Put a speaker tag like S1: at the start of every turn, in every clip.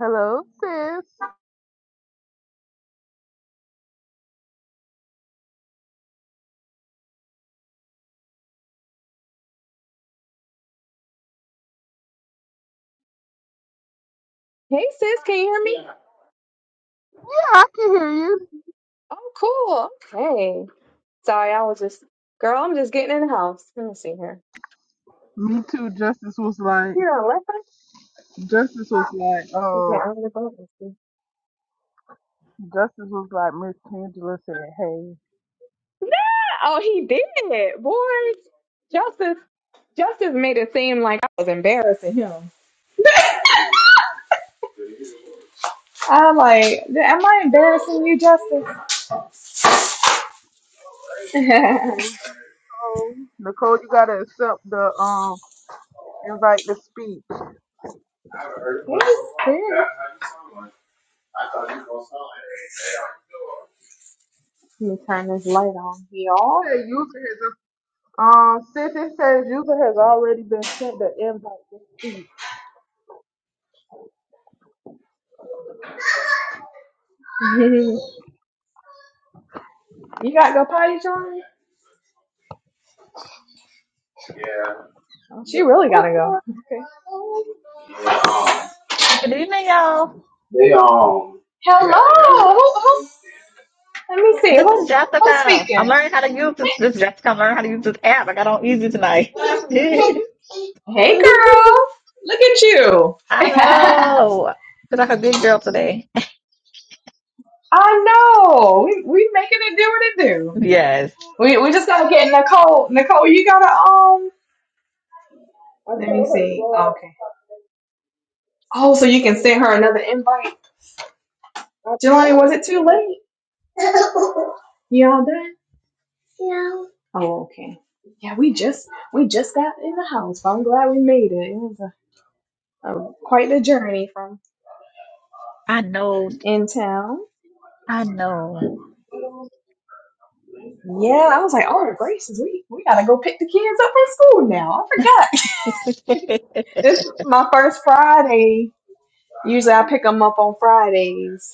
S1: Hello, sis.
S2: Hey sis, can you hear me?
S1: Yeah, I can hear you.
S2: Oh, cool. Okay. Sorry, I was just, girl, I'm just getting in the house. Let me see here.
S1: Me too. Justice was like,
S2: Here on not left
S1: Justice
S2: us?
S1: was like,
S2: Yeah,
S1: oh,
S2: I'm the button.
S1: Justice was like, Miss Angela said, hey,
S2: No! Oh, he did. Boy, Justice, Justice made it seem like I was embarrassing him. I like, am I embarrassing you, Justice?
S1: okay, we go. Nicole, you gotta accept the um invite to speak. It
S2: Hey, sis. Let me turn this light on, y'all.
S1: user has a- um sis, it says user has already been sent the invite to speak.
S2: she really
S1: What's
S2: gotta go.
S1: going?
S2: Okay.
S3: Good evening, y'all.
S2: Hello! Who, Let me see.
S3: This
S2: Who,
S3: is
S2: who's
S3: Jessica. I'm
S2: speaking?
S3: learning how to use this. This is Jessica. I'm learning how to use this app. I got on easy tonight. What happened?
S2: Hey, girl. Look at you.
S3: I know. Because I'm a big girl today.
S2: I know. We, we making it do what it do.
S3: Yes.
S2: We, we just got to get Nicole. Nicole, you got to, um,
S1: I
S2: let me
S1: told her to
S2: see.
S1: go out.
S2: okay. Oh, so you can send
S1: 'cause
S2: her another invite.
S1: I I
S2: Jelani,
S1: tried
S2: was
S1: to
S2: it too
S1: see her.
S2: late? You all done? Oh, okay. Yeah, we just, we just got in the house. But I'm glad we made it. It was a, a quite the journey from
S3: I know.
S2: in town.
S3: I know.
S1: um,
S2: Yeah, I was like, oh, gracious, we, we gotta go pick the kids up from school now. I forgot.
S3: oh,
S2: It's my first Friday. Usually I pick them up on Fridays.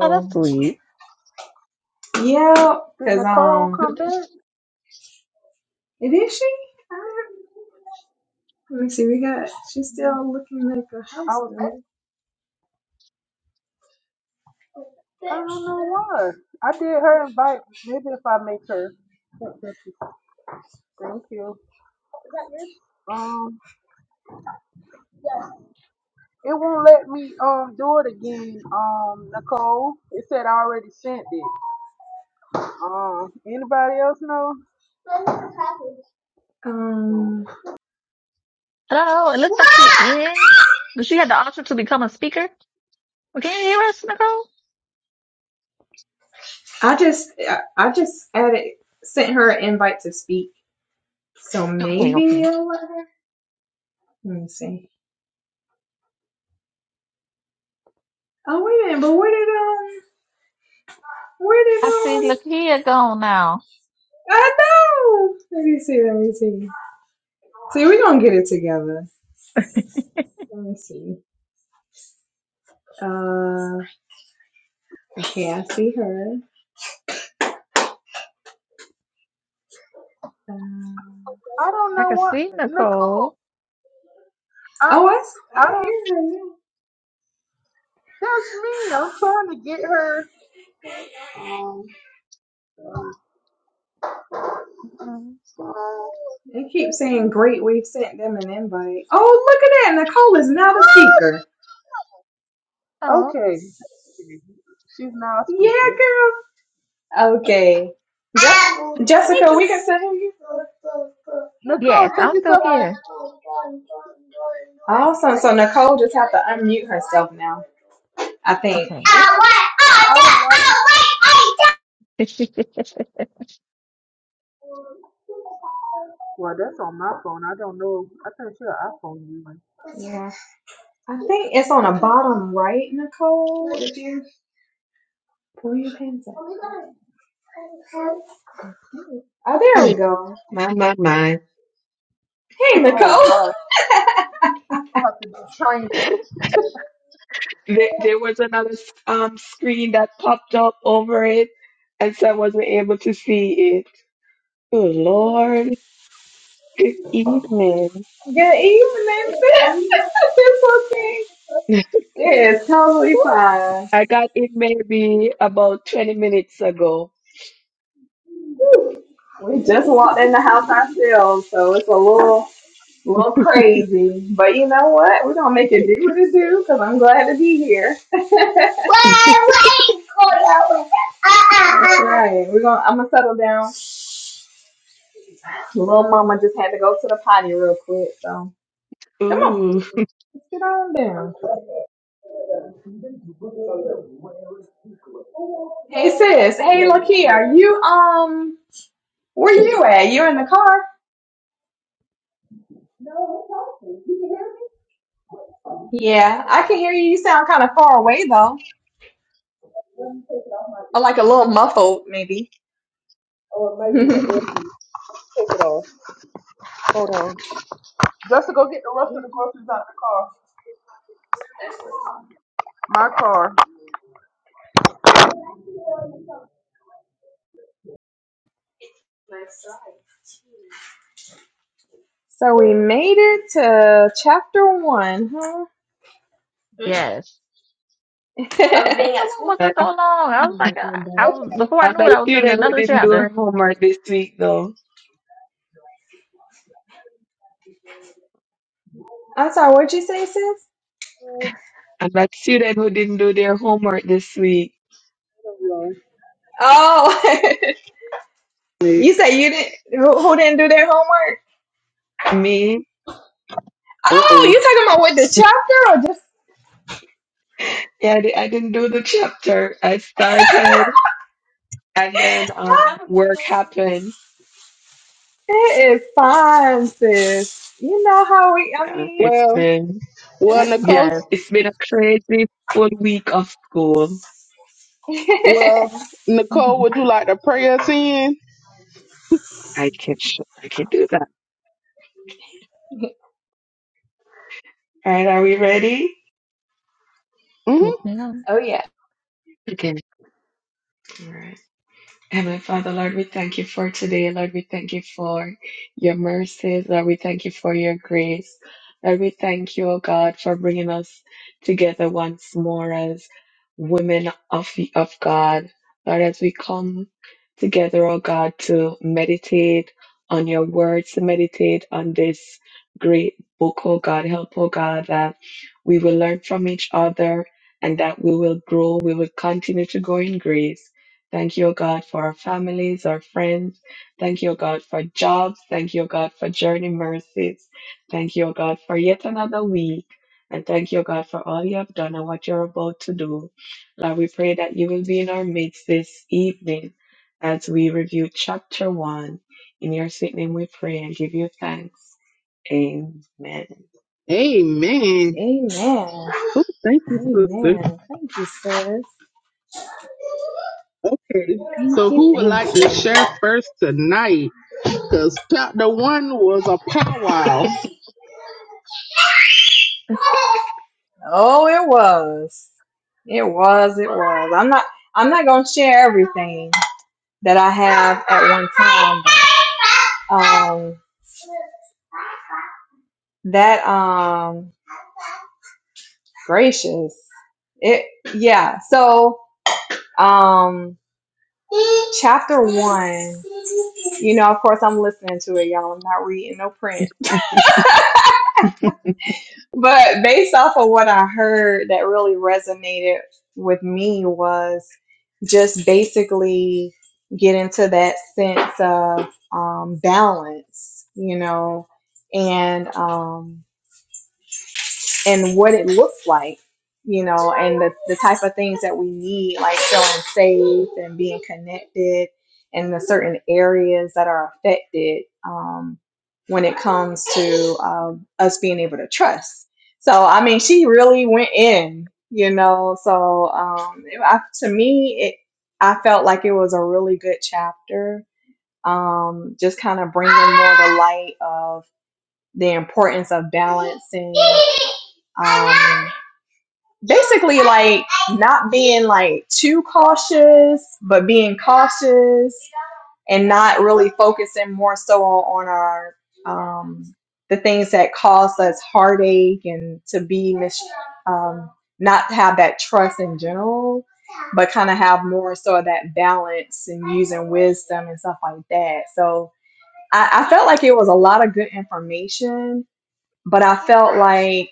S3: that's sweet.
S2: yeah,
S1: Did
S2: because,
S1: Nicole
S2: um,
S3: I
S1: come
S3: don't
S1: back?
S2: it is she? Uh, let me see, we got, she's still looking like a
S1: I
S2: house
S1: was
S2: member.
S1: I don't know why. I did her invite. Maybe if I make her. Thank you. Um, it won't let me um do it again. Um, Nicole, it said I already sent it. Um, anybody else know? I
S2: Um,
S3: know. It looks like she in. But she had the option to become a speaker. Well, Can you hear us, Nicole?
S2: I just, I, I just added, sent her an invite to speak. So
S3: Okay,
S2: maybe
S3: okay.
S2: I'll let her. Let me see. Oh, wait a minute, but where did, um, where did,
S3: I see
S2: um
S3: Lakia gone now.
S2: I know. Let me see. Let me see. See, we gonna get it together. Let me see. Uh, okay, I see her. Um
S1: don't
S3: I
S1: know
S3: can
S1: what
S3: see
S1: Nicole.
S3: Nicole.
S1: I
S2: oh, I, s-
S1: I
S2: I
S1: don't.
S2: hear her now.
S1: That's me. I'm trying to get her. Um.
S2: They keep saying, "Great, we've sent them an invite." Oh, look at that! Nicole is now the speaker.
S3: Oh,
S1: Okay. She's now a
S2: Yeah,
S1: speaker.
S2: girl. Okay. Je- Jessica, we can sit here.
S3: yes,
S1: Nicole, take
S3: I'm still
S1: yourself.
S3: here.
S2: Awesome. So Nicole just have to unmute herself now. I think.
S3: Okay.
S1: It I don't like it. Well, that's on my phone. I don't know. I think she an iPhone user.
S2: Yeah. I think it's on the bottom right, Nicole. If you pull your pants up. Oh,
S4: Oh,
S2: there we go.
S4: my, my, my.
S2: Hey, Nicole.
S1: Oh God! I have to do training.
S4: There, there was another um screen that popped up over it, and so I wasn't able to see it. Good Lord. Good evening.
S2: Good evening, sis. it's okay.
S4: Woo.
S2: It is totally fine.
S4: I got it maybe about 20 minutes ago.
S2: We just walked in the house ourselves, so it's a little A little crazy, but you know what? We're gonna make it do what it do because I'm glad to be here. well, wait for you. That's right. We're gonna. I'm gonna settle down. Little mama just had to go to the potty real quick, so come on,
S4: Ooh.
S2: let's get on down. Hey sis. Hey Lakia, are you um? Where you at? You in the car? Yeah, I can hear you. You sound kind of far away though, or like a little muffled maybe.
S1: Or maybe
S2: so
S1: the airpiece. Take it off. Hold on. Just to go get the rest of the groceries out the car. My car.
S2: we made it to chapter one, huh?
S3: yes.
S2: of being
S3: The
S2: at
S3: one
S2: school.
S4: I-
S3: wasn't so
S2: I'm
S3: long. I was like, I, I was before I
S4: I'm
S3: knew it,
S4: that
S3: I was in
S4: student who
S3: another
S4: didn't do her
S3: chapter.
S4: homework this week, though.
S2: sorry, what'd you say, sis?
S1: Oh,
S4: I'm that student who didn't do their homework this week.
S2: Oh, You said you didn't, who who didn't do their homework?
S4: Me?
S1: Uh
S2: oh,
S1: oh.
S2: you talking about with the Chapter or just,
S4: Yeah, I di- I didn't do the chapter. I started, and then
S3: I
S4: um,
S3: was really
S4: work happened
S2: it is fine, sis. You know how we, I
S4: Yeah,
S2: mean,
S4: it's
S1: Well,
S4: been
S1: well,
S2: it,
S4: it,
S1: Nicole.
S3: Yes.
S4: it's been a crazy full week of school.
S1: Well, Nicole, would you like to pray us in?
S4: I can I can do that. All right, are we ready?
S3: Yes,
S1: Mm-hmm.
S3: ma'am.
S2: Oh yeah.
S4: Okay. All right. Heavenly Father, Lord, we thank you for today. Lord, we thank you for your mercies. Lord, we thank you for your grace. Lord, we thank you, O God, for bringing us together once more as women of, of God. Lord, as we come together, O God, to meditate on your words, to meditate on this great book, O God. Help, O God, that we will learn from each other and that we will grow, we will continue to grow in grace Thank you, O God, for our families, our friends. Thank you, O God, for jobs. Thank you, O God, for journey mercies. Thank you, O God, for yet another week. And thank you, O God, for all you have done and what you're about to do. Lord, we pray that you will be in our midst this evening as we review chapter one. In your sweet name we pray and give you thanks. Amen.
S1: Amen.
S2: amen.
S1: Oh, thank you, sister.
S2: Amen. Thank you, sis.
S1: Okay. So,
S2: Thank you,
S1: who would like
S2: thank
S1: to
S2: you.
S1: share first tonight? because chapter one was a powwow.
S2: Oh, it was. It was. It was. I'm not. I'm not gonna share everything that I have at one time. But, um, that um, gracious. It yeah. So um, chapter one. You know, of course, I'm listening to it, y'all. I'm not reading no print. But based off of what I heard that really resonated with me was just basically get into that sense of um, balance, you know, and um, and what it looks like, you know, and the, the type of things that we need, like feeling safe and being connected and the certain areas that are affected um, when it comes to um, us being able to trust. So, I mean, she really went in, you know, so um, it- I, to me, it, I felt like it was a really good chapter. Um, just kind of bringing more the light of the importance of balancing um, basically like not being like too cautious but being cautious and not really focusing more so on, on our um, the things that cause us heartache and to be mis- um, not have that trust in general but kind of have more so of that balance and using wisdom and stuff like that so I, I felt like it was a lot of good information but I felt like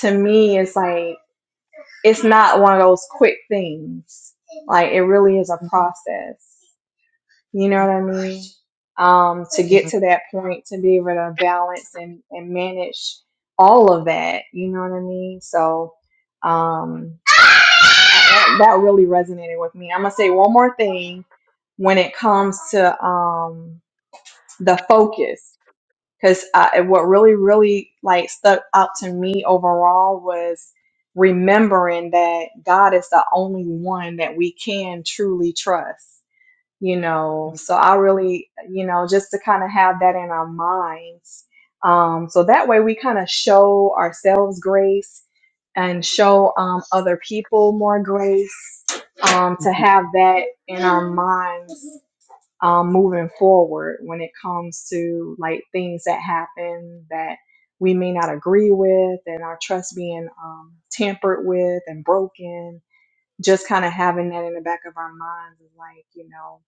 S2: to me, it's like it's not one of those quick things. Like it really is a process. You know what I mean? Um, to get to that point, to be able to balance and, and manage all of that. You know what I mean? So um, that, that really resonated with me. I'm gonna say one more thing when it comes to um, the focus. because uh, and what really really like stuck out to me overall was remembering that god is the only one that we can truly trust you know so i really you know just to kind of have that in our minds um, so that way we kind of show ourselves grace and show um, other people more grace um, to have that in our minds um, moving forward when it comes to like things that happen that we may not agree with and our trust being um, tampered with and broken just kind of having that in the back of our minds is like you know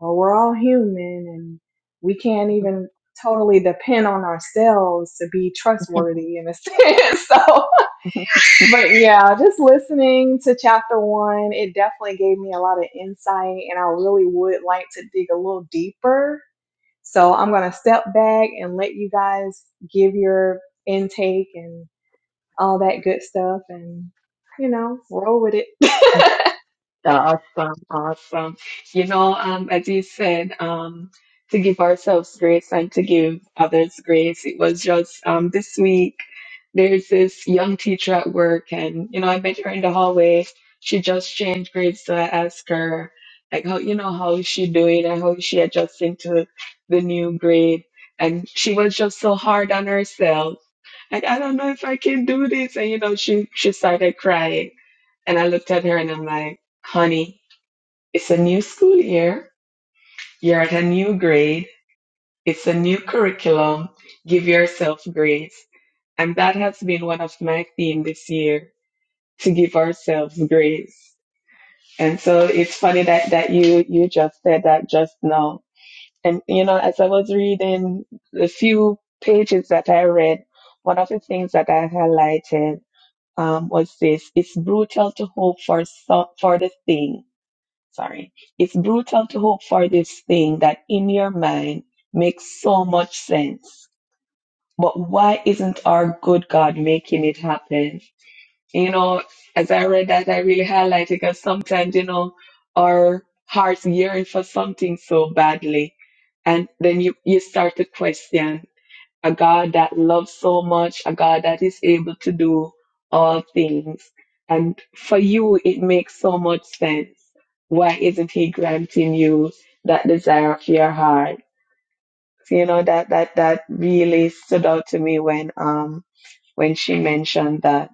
S2: well we're all human and we can't even totally depend on ourselves to be trustworthy in a sense so but yeah just listening to chapter one it definitely gave me a lot of insight and i really would like to dig a little deeper so I'm going to step back and let you guys give your intake and all that good stuff and, you know, roll with it.
S4: Awesome, awesome. You know, um, as you said, um, to give ourselves grace and to give others grace. It was just um, this week. There's this young teacher at work, and you know, I met her in the hallway. She just changed grades, so I asked her, like, how you know how is she doing and how is she adjusting to the new grade? And she was just so hard on herself. Like, I don't know if I can do this, and you know, she she started crying, and I looked at her and I'm like, honey. It's a new school year. You're at a new grade. It's a new curriculum. Give yourself grace. And that has been one of my theme this year to give ourselves grace. And so it's funny that, that you, you just said that just now. And you know, as I was reading the few pages that I read, one of the things that I highlighted um, was this: it's brutal to hope for so, for the thing sorry, it's brutal to hope for this thing that in your mind makes so much sense. But why isn't our good God making it happen? You know, as I read that, I really highlighted because sometimes, you know, our hearts yearn for something so badly. And then you, you start to question a God that loves so much, a God that is able to do all things. And for you, it makes so much sense. Why isn't He granting you that desire of your heart? So, you know that that that really stood out to me when um when she mentioned that.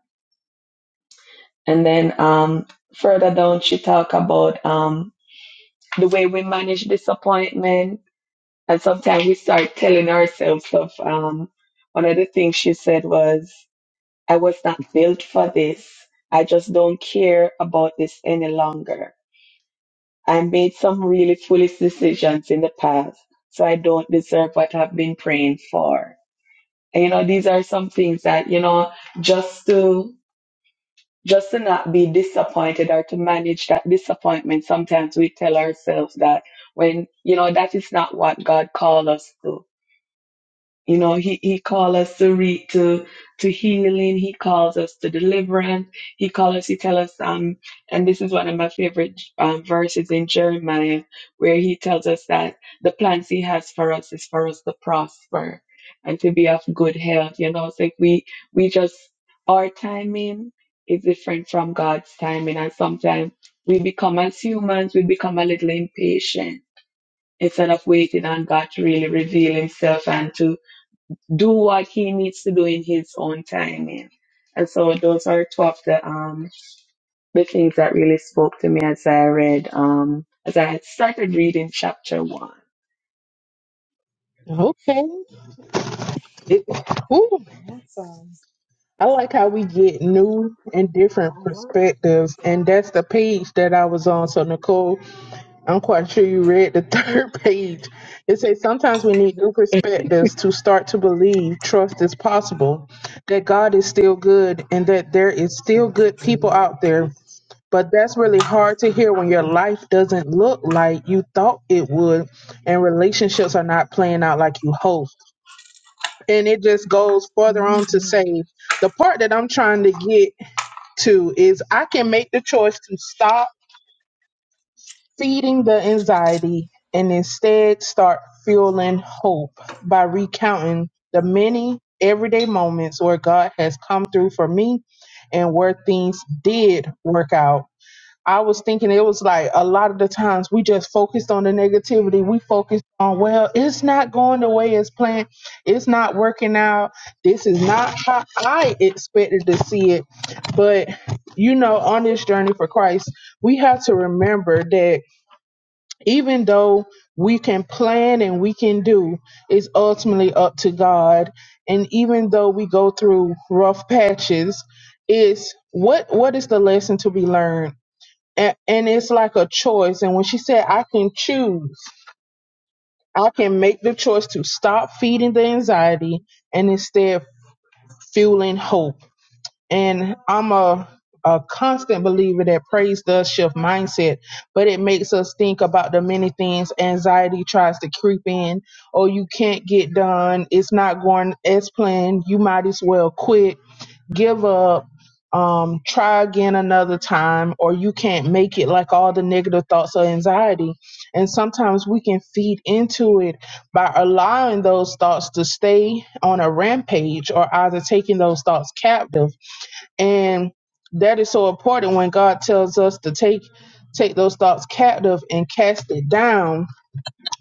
S4: And then um further down, she talked about um the way we manage disappointment, and sometimes we start telling ourselves of um one of the things she said was. I was not built for this. I just don't care about this any longer. I made some really foolish decisions in the past, so I don't deserve what I've been praying for. And you know, these are some things that, you know, just to just to not be disappointed or to manage that disappointment, sometimes we tell ourselves that when you know that is not what God called us to You know, he, he calls us to re, to to healing. He calls us to deliverance. He calls us. He tells us. Um, and this is one of my favorite um, verses in Jeremiah, where he tells us that the plans he has for us is for us to prosper and to be of good health. You know, it's like we we just our timing is different from God's timing, and sometimes we become as humans we become a little impatient instead of waiting on God to really reveal Himself and to do what he needs to do in his own timing. And so those are two of the um the things that really spoke to me as I read um as I had started reading chapter one.
S1: Okay. It, ooh,
S2: awesome.
S1: I like how we get new and different
S2: I love
S1: perspectives.
S2: it.
S1: And that's the page that I was on. So, Nicole, I'm quite sure you read the third page. It says sometimes we need new perspectives to start to believe trust is possible, that God is still good, and that there is still good people out there But that's really hard to hear when your life doesn't look like you thought it would and relationships are not playing out like you hoped. And it just goes further on to
S2: Mm-hmm.
S1: say the part that I'm trying to get to is I can make the choice to stop feeding the anxiety and instead start fueling hope by recounting the many everyday moments where God has come through for me and where things did work out I was thinking it was like a lot of the times we just focused on the negativity. We focused on, well, it's not going the way it's planned. It's not working out. This is not how I expected to see it. But, you know, on this journey for Christ, we have to remember that even though we can plan and we can do, it's ultimately up to God. And even though we go through rough patches, is what what is the lesson to be learned? and, and it's like a choice. And when she said, I can choose, I can make the choice to stop feeding the anxiety and instead fueling hope. And I'm a, a constant believer that praise does shift mindset, but it makes us think about the many things anxiety tries to creep in. Oh, you can't get done. It's not going as planned. You might as well quit give up, um, try again another time, or you can't make it like all the negative thoughts or anxiety. And sometimes we can feed into it by allowing those thoughts to stay on a rampage or either taking those thoughts captive. And that is so important when God tells us to take take those thoughts captive and cast it down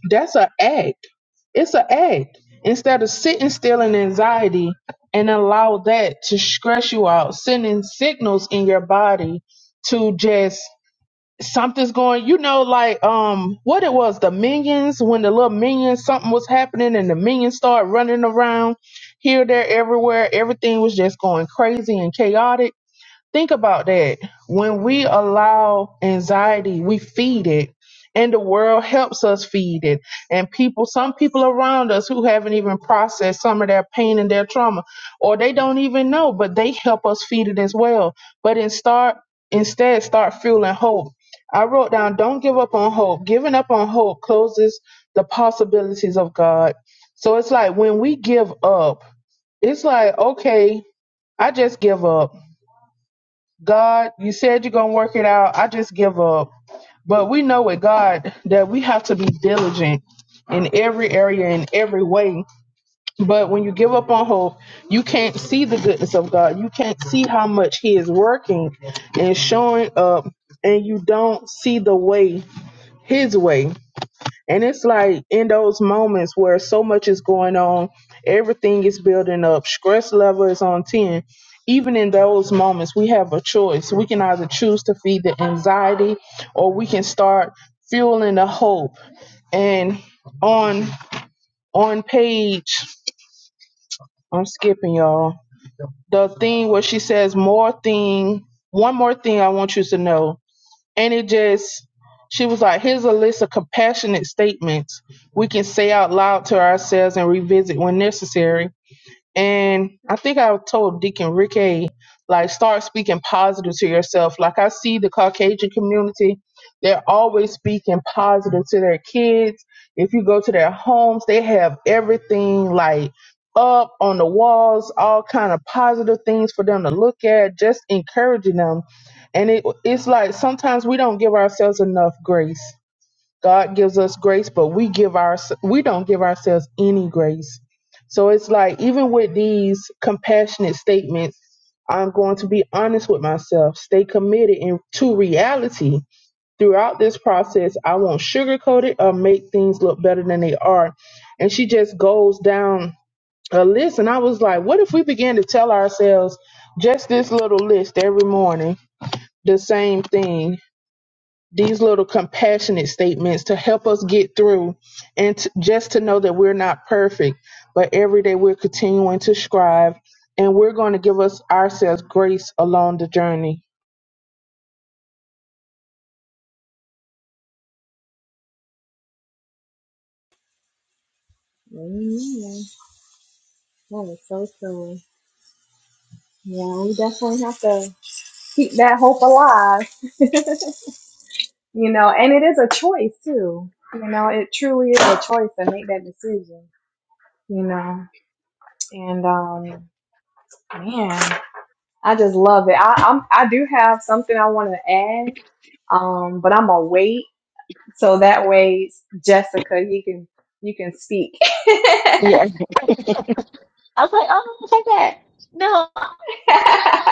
S1: that's an act. It's an act. Instead of sitting still in anxiety and allow that to stress you out, sending signals in your body to just something's going. You know, like um, what it was the minions when the little minions something was happening and the minions started running around here, there, everywhere. Everything was just going crazy and chaotic Think about that. When we allow anxiety, we feed it, and the world helps us feed it. And people, some people around us who haven't even processed some of their pain and their trauma, or they don't even know, but they help us feed it as well. But in start, instead, start fueling hope. I wrote down, don't give up on hope. Giving up on hope closes the possibilities of God. So it's like when we give up, it's like, okay, I just give up God, you said you're gonna work it out. I just give up. But we know with God that we have to be diligent in every area, in every way. But when you give up on hope, you can't see the goodness of God. You can't see how much He is working and showing up, and you don't see the way, His way. And it's like in those moments where so much is going on, everything is building up, stress level is on 10. Even in those moments, we have a choice. We can either choose to feed the anxiety or we can start fueling the hope. And on on page, I'm skipping y'all. The thing where she says more thing, one more thing I want you to know and it just she was like here's a list of compassionate statements we can say out loud to ourselves and revisit when necessary and I think I told Deacon Ricky, like, start speaking positive to yourself. Like, I see the Caucasian community, they're always speaking positive to their kids. If you go to their homes, they have everything like up on the walls, all kind of positive things for them to look at, just encouraging them. And it, it's like sometimes we don't give ourselves enough grace God gives us grace, but we give our we don't give ourselves any grace. So it's like even with these compassionate statements, I'm going to be honest with myself, stay committed in, to reality. Throughout this process, I won't sugarcoat it or make things look better than they are. And she just goes down a list and I was like, what if we began to tell ourselves just this little list every morning, the same thing these little compassionate statements to help us get through and t- just to know that we're not perfect, but every day we're continuing to strive and we're going to give us ourselves grace along the journey.
S2: Amen. That is so cool. Yeah, we definitely have to keep that hope alive, you know, and it is a choice too. You know, it truly is a choice to make that decision, you know, and um, man. I just love it. I, I'm I do have something I want to add, um, but I'm gonna wait so that way Jessica, you can you can speak.
S3: Yes. I was like, oh, I'll that. No,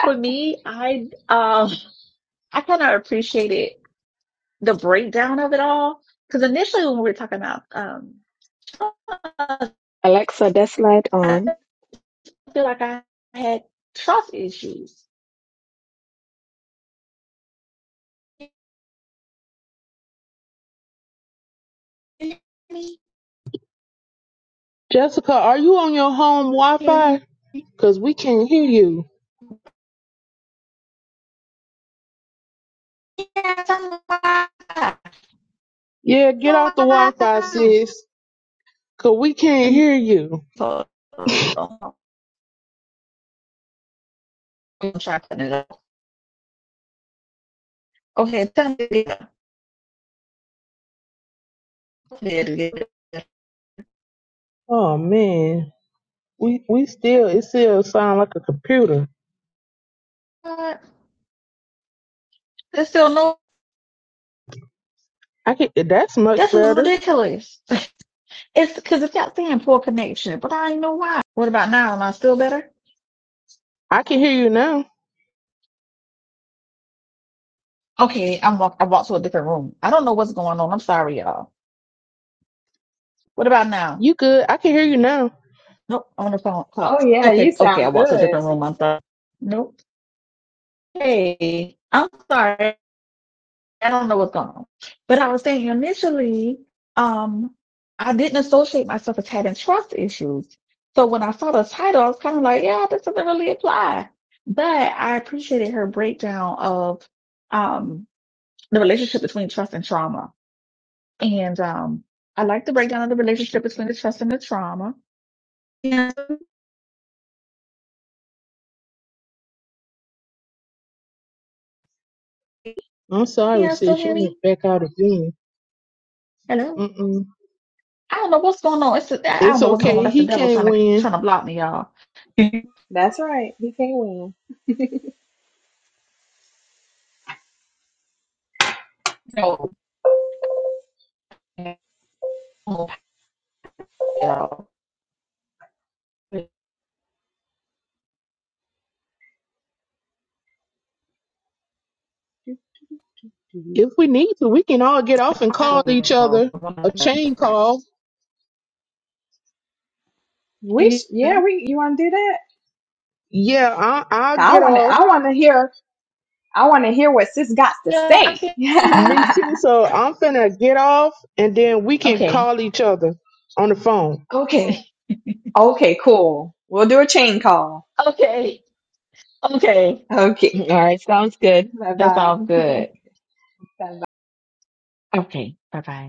S3: for me, I um, I kind of appreciated the breakdown of it all because initially when we were talking about um, trust,
S4: Alexa, desk light
S3: I
S4: on.
S3: feel like I had trust issues. Can you hear me?
S1: Jessica, are you on your home Wi
S3: Hear
S1: Fi?
S3: me?
S1: Because we can't hear you. Yeah, get off the Wi Fi, sis, because we can't hear you.
S3: for Okay, technically, technically,
S1: Oh, man. We, we still, it still sound like a computer.
S3: but there's still no.
S1: I can, that's much
S3: This is
S1: better.
S3: ridiculous. It's because it kept saying poor connection, but I didn't know why. What about now? Am I still better?
S1: I can hear you now.
S3: Okay, I'm walk. I walked to a different room. I don't know what's going on. I'm sorry, y'all. What about now?
S1: You good. I can hear you now.
S3: Nope, I'm on the phone call.
S2: oh yeah, you
S3: Okay, okay, I
S2: sound
S3: walked to a
S2: good.
S3: different room. I'm sorry. Nope. Hey, I'm sorry. I don't know what's going on. But I was saying initially, um, I didn't associate myself as having trust issues. So when I saw the title, I was kind of like, yeah, this doesn't really apply. But I appreciated her breakdown of um, the relationship between trust and trauma. And um, I like the breakdown of the relationship between the trust and the trauma. Can
S1: I'm sorry,
S3: you still
S1: sis.
S3: hear
S1: You went
S3: me?
S1: back out again.
S3: Hello?
S1: Mm-mm.
S3: I don't know what's going on. It's I I
S1: It's
S3: don't know what's going on.
S1: okay.
S3: That's the
S1: He
S3: devil
S1: can't
S3: trying to
S1: win.
S3: trying to block me, y'all.
S2: That's right. He can win.
S3: You know, Yeah. It's
S1: If we need to, we can all get off and call
S3: probably
S1: each other a chain call.
S3: difference.
S2: We sh- yeah we you want to do that?
S1: Yeah, I, I'll
S2: I
S1: get
S2: want to
S1: off.
S2: I want to hear I want to hear what sis got to
S3: Yeah, I
S2: say.
S3: can hear you.
S1: Me too. So I'm finna get off, and then we can
S3: Okay.
S1: call each other on the phone.
S2: okay okay cool. We'll do a chain call.
S3: Okay. Okay.
S2: Okay.
S4: All right, sounds good.
S2: Bye
S3: That
S2: bye.
S3: sounds
S2: Bye
S3: good.
S2: bye.
S3: Okay. Bye bye.